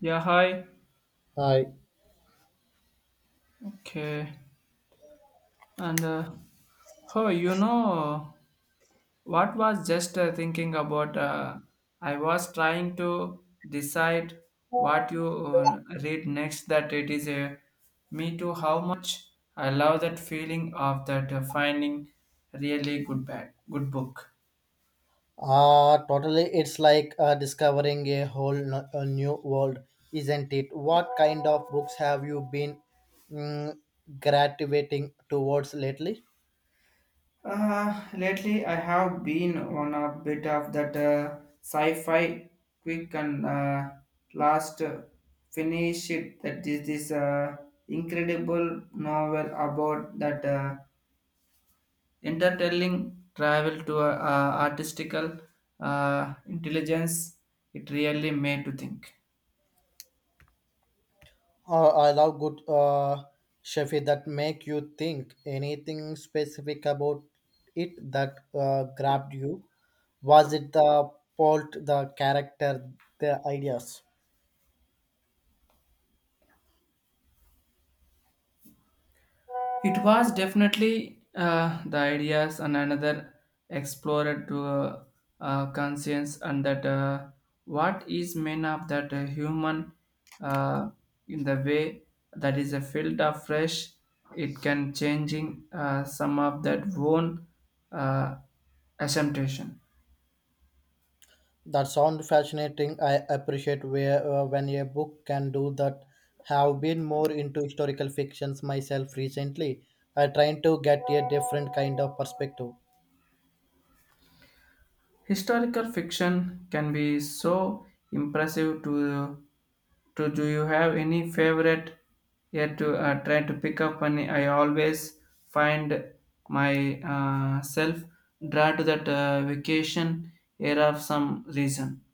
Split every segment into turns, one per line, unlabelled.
Yeah, hi.
Uh,
Okay. And oh, you know what was just thinking about? I was trying to decide what you read next. That it is a me too. How much I love that feeling of that finding really good bag, good book.
Totally. It's like discovering a whole a new world, isn't it? What kind of books have you been mm, gravitating towards lately?
Lately, I have been on a bit of that sci-fi quick and last finish it. That is this incredible novel about that intertelling travel to artistical intelligence. It really made to think.
I love good Shafi that make you think. Anything specific about it that grabbed you? Was it the plot, the character, the ideas?
It was definitely the ideas and another explorer to conscience and that what is made of that human uh, in the way that is a field of fresh it can changing some of that own uh, assumption.
That sounds fascinating. I appreciate where when a book can do that. Have been more into historical fictions myself recently. I trying to get a different kind of perspective.
Historical fiction can be so impressive to do you have any favorite yet to try to pick up and I always find my self drawn to that vacation era of some reason.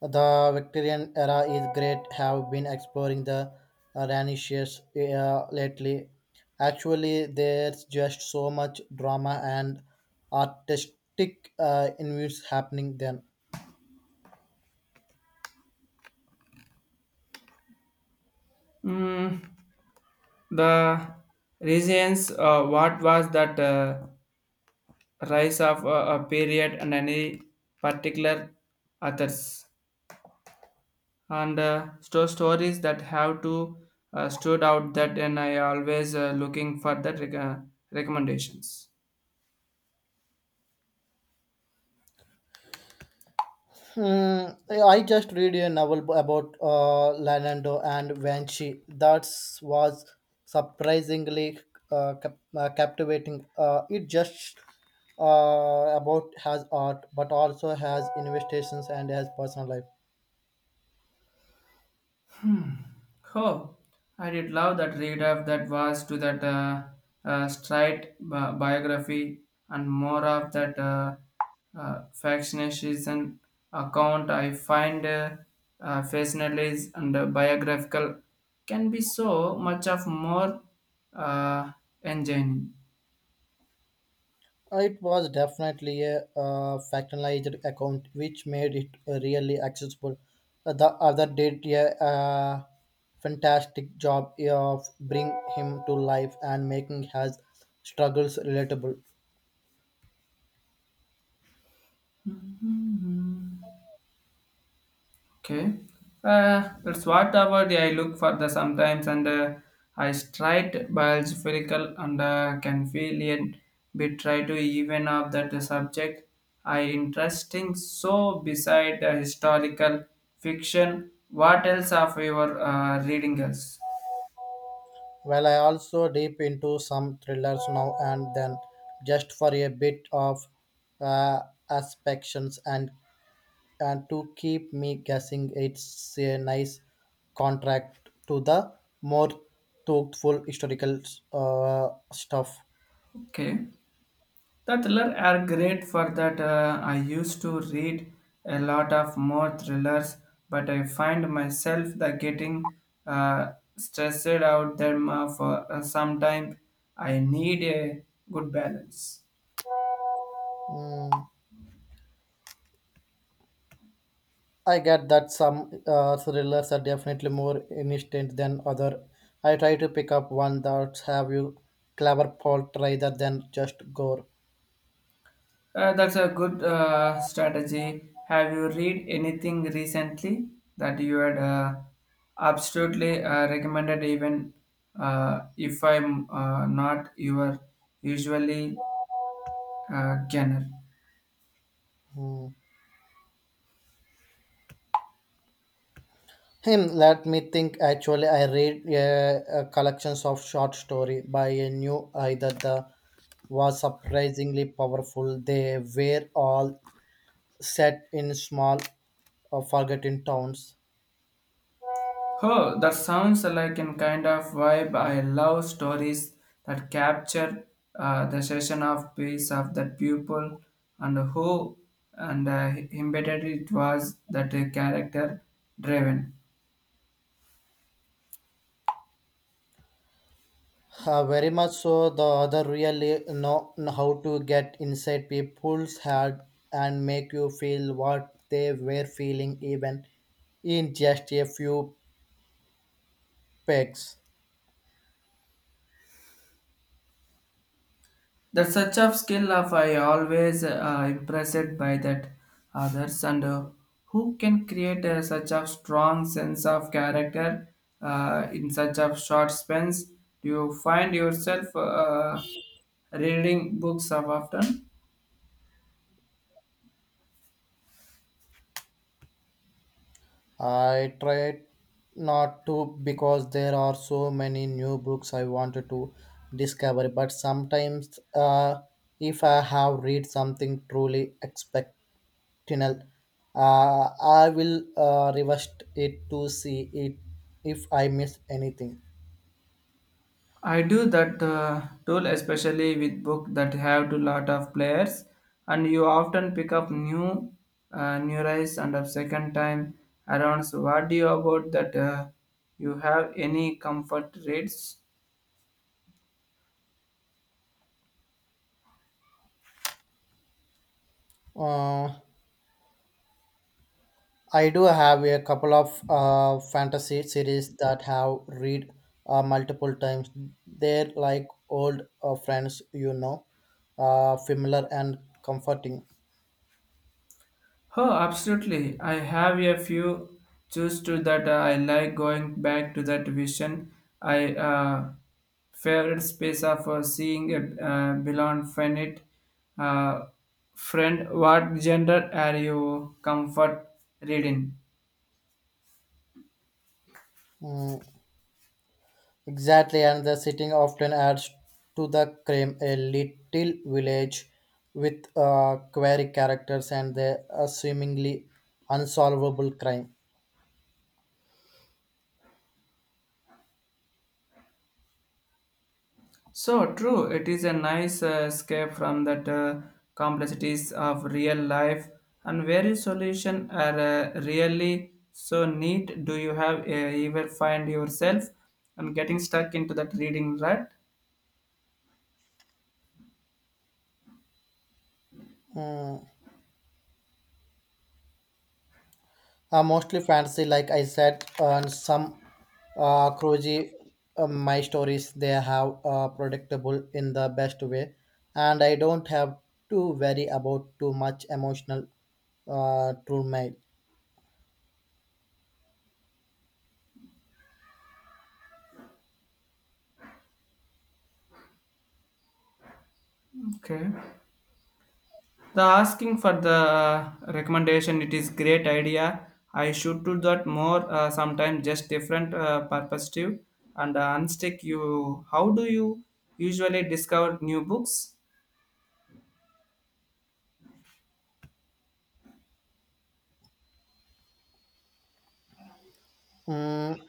The Victorian era is great. Have been exploring the Renaissance lately. Actually, there's just so much drama and artistic in happening then.
Mm, the reasons what was that rise of a period and any particular authors. And store stories that have to stood out that and I always looking for that recommendations.
Hmm, I just read a novel about Lanando and Vanchi. That was surprisingly captivating. It just about has art, but also has investigations and has personal life.
Oh, I did love that read of that was to that straight biography and more of that fascination account. I find fascinates and biographical can be so much of more uh, engine.
It was definitely a factionalized account, which made it really accessible. The other did a fantastic job of bring him to life and making his struggles relatable.
Okay. That's what about I look for the sometimes and I straight bulge spherical and can feel it bit try to even up that subject. I interesting so beside the historical fiction. What else of your reading else?
Well, I also dip into some thrillers now and then, just for a bit of uh, aspections and to keep me guessing, it's a nice contract to the more thoughtful historical stuff.
Okay. The thriller are great for that. I used to read a lot of more thrillers, but I find myself the getting stressed out them for some time. I need a good balance.
Mm, I get that some thrillers are definitely more instant than other. I try to pick up one that have you clever plot rather than just gore.
That's a good strategy. Have you read anything recently that you had absolutely recommended, even if I'm not your usually genre?
Mm. Hmm, let me think. Actually, I read collections of short story by a new either the was surprisingly powerful. They were all set in small, forgotten towns.
Oh, that sounds like a kind of vibe. I love stories that capture the session of peace of that pupil and who and embedded it was that character driven.
Very much so, the other really know how to get inside people's head and make you feel what they were feeling, even in just a few pegs.
That such of skill of I always impressed by that others and who can create such a strong sense of character in such a short spans. Do you find yourself reading books of often?
I tried not to because there are so many new books I wanted to discover, but sometimes if I have read something truly exceptional, I will reverse it to see it if I miss anything.
I do that tool, especially with book that have to lot of players and you often pick up new new rise and a second time around. So what do you about that you have any comfort rates?
Uh, I do have a couple of fantasy series that have read multiple times. They're like old friends, you know, familiar and comforting.
Oh, absolutely. I have a few choose to that I like going back to that vision. I Favorite space of seeing a beyond finite uh, friend. What gender are you comfort reading?
Mm, exactly, and the setting often adds to the crime. A little village with quirky characters and the seemingly unsolvable crime.
So true. It is a nice escape from that complexities of real life and very solution are really so neat. Do you have ever find yourself and getting stuck into that reading, right?
Mm. Mostly fantasy, like I said, and some cruisy my stories they have predictable in the best way, and I don't have to worry about too much emotional turmoil.
Okay. The asking for the recommendation, it is great idea. I should do that more sometimes just different perspective and unstick you. How do you usually discover new books?
Mm.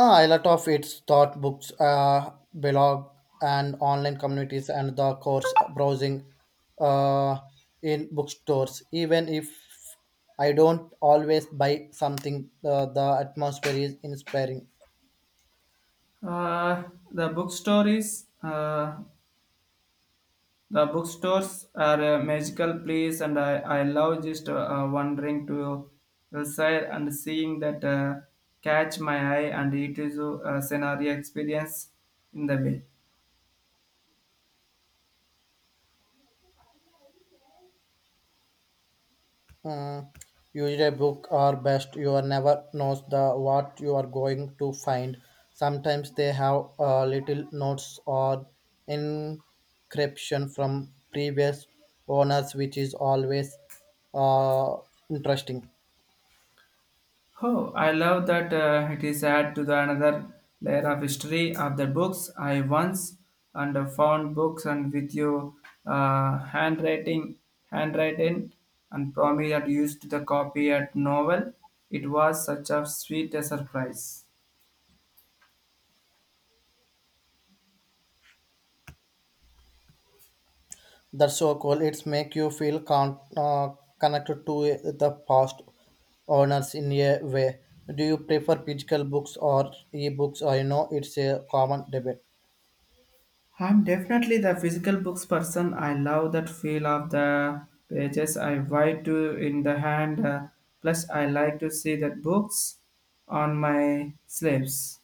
Ah, a lot of its thought books, blog, and online communities, and the course browsing uh, in bookstores. Even if I don't always buy something, the atmosphere is inspiring.
Uh, the bookstore is uh, the bookstores are a magical place, and I love just wandering to the side and seeing that catch my eye, and it is a scenario experience in the way.
Hmm. Usually, a book or best you are never knows the what you are going to find. Sometimes they have little notes or encryption from previous owners, which is always uh, interesting.
Oh, I love that it is add to the another layer of history of the books. I once and found books and with your uh, handwriting, handwritten, and promise that used the copy at novel. It was such a sweet surprise.
That's so cool. It's make you feel connected to the past owners in a way. Do you prefer physical books or e-books? I know it's a common debate.
I'm definitely the physical books person. I love that feel of the pages I write to in the hand. Plus, I like to see the books on my sleeves.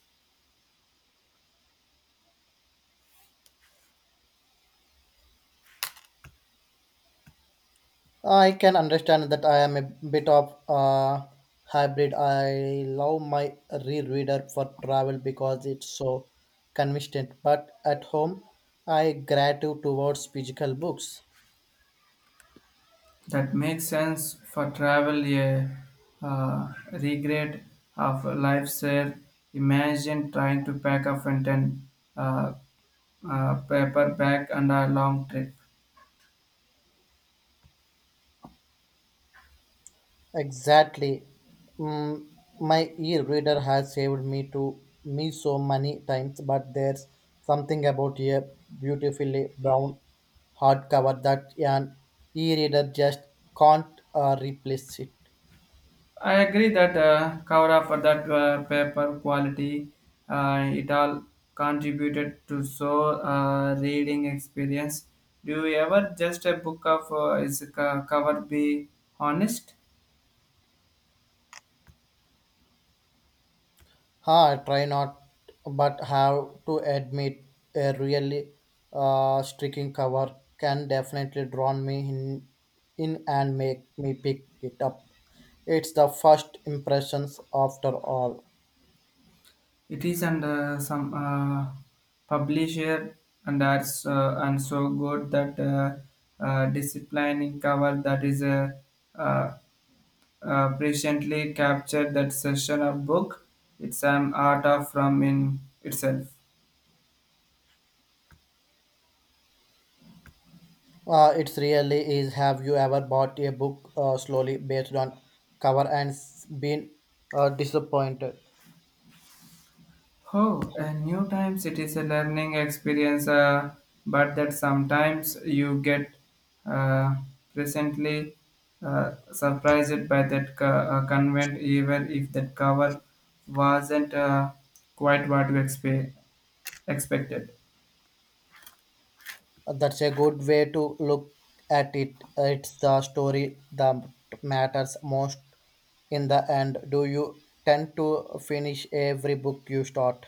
I can understand that. I am a bit of a hybrid. I love my rereader for travel because it's so convenient, but at home I gratitude towards physical books.
That makes sense for travel, a regret of life's there. Imagine trying to pack a Fenton uh, paper bag and a long trip.
Exactly. Mm, my e-reader has saved me so many times, but there's something about a beautifully brown hardcover that an e-reader just can't replace it.
I agree that cover up for that paper quality, it all contributed to so reading experience. Do you ever just a book of cover be honest?
Ha, I try not, but have to admit a really striking cover can definitely draw me in and make me pick it up. It's the first impressions after all.
It is and some publisher and arts and so good that disciplining cover that is uh, presciently captured that session of book. It's an art of from in itself.
It's really is. Have you ever bought a book slowly based on cover and been disappointed?
Oh, and new times it is a learning experience, but that sometimes you get uh, presently surprised by that convent, even if that cover wasn't quite what you expected.
That's a good way to look at it. It's the story that matters most in the end. Do you tend to finish every book you start?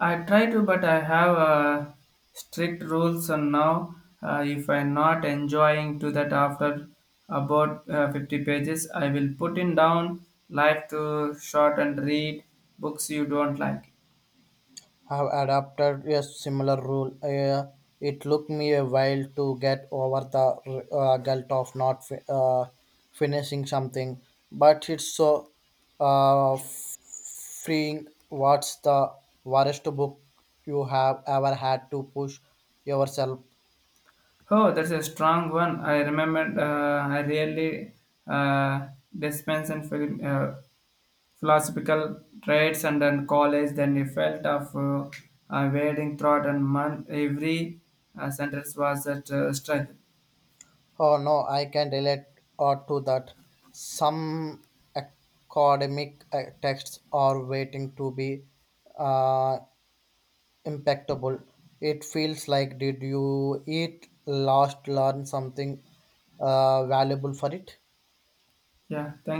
I try to, but I have strict rules on now. If I'm not enjoying to that after about 50 pages, I will put it down. Life to short and read books you don't like.
Have adopted a similar rule. It took me a while to get over the guilt of not finishing something, but it's so uh, f- freeing. What's the worst book you have ever had to push yourself?
Oh, that's a strong one. I remembered. I really uh, dispense and philosophical traits, and then college. Then I felt of wading throat and month. Every sentence was a struggle.
Oh no, I can relate to that. Some academic texts are waiting to be uh, impeccable. It feels like did you eat last learn something valuable for it?
Yeah, thank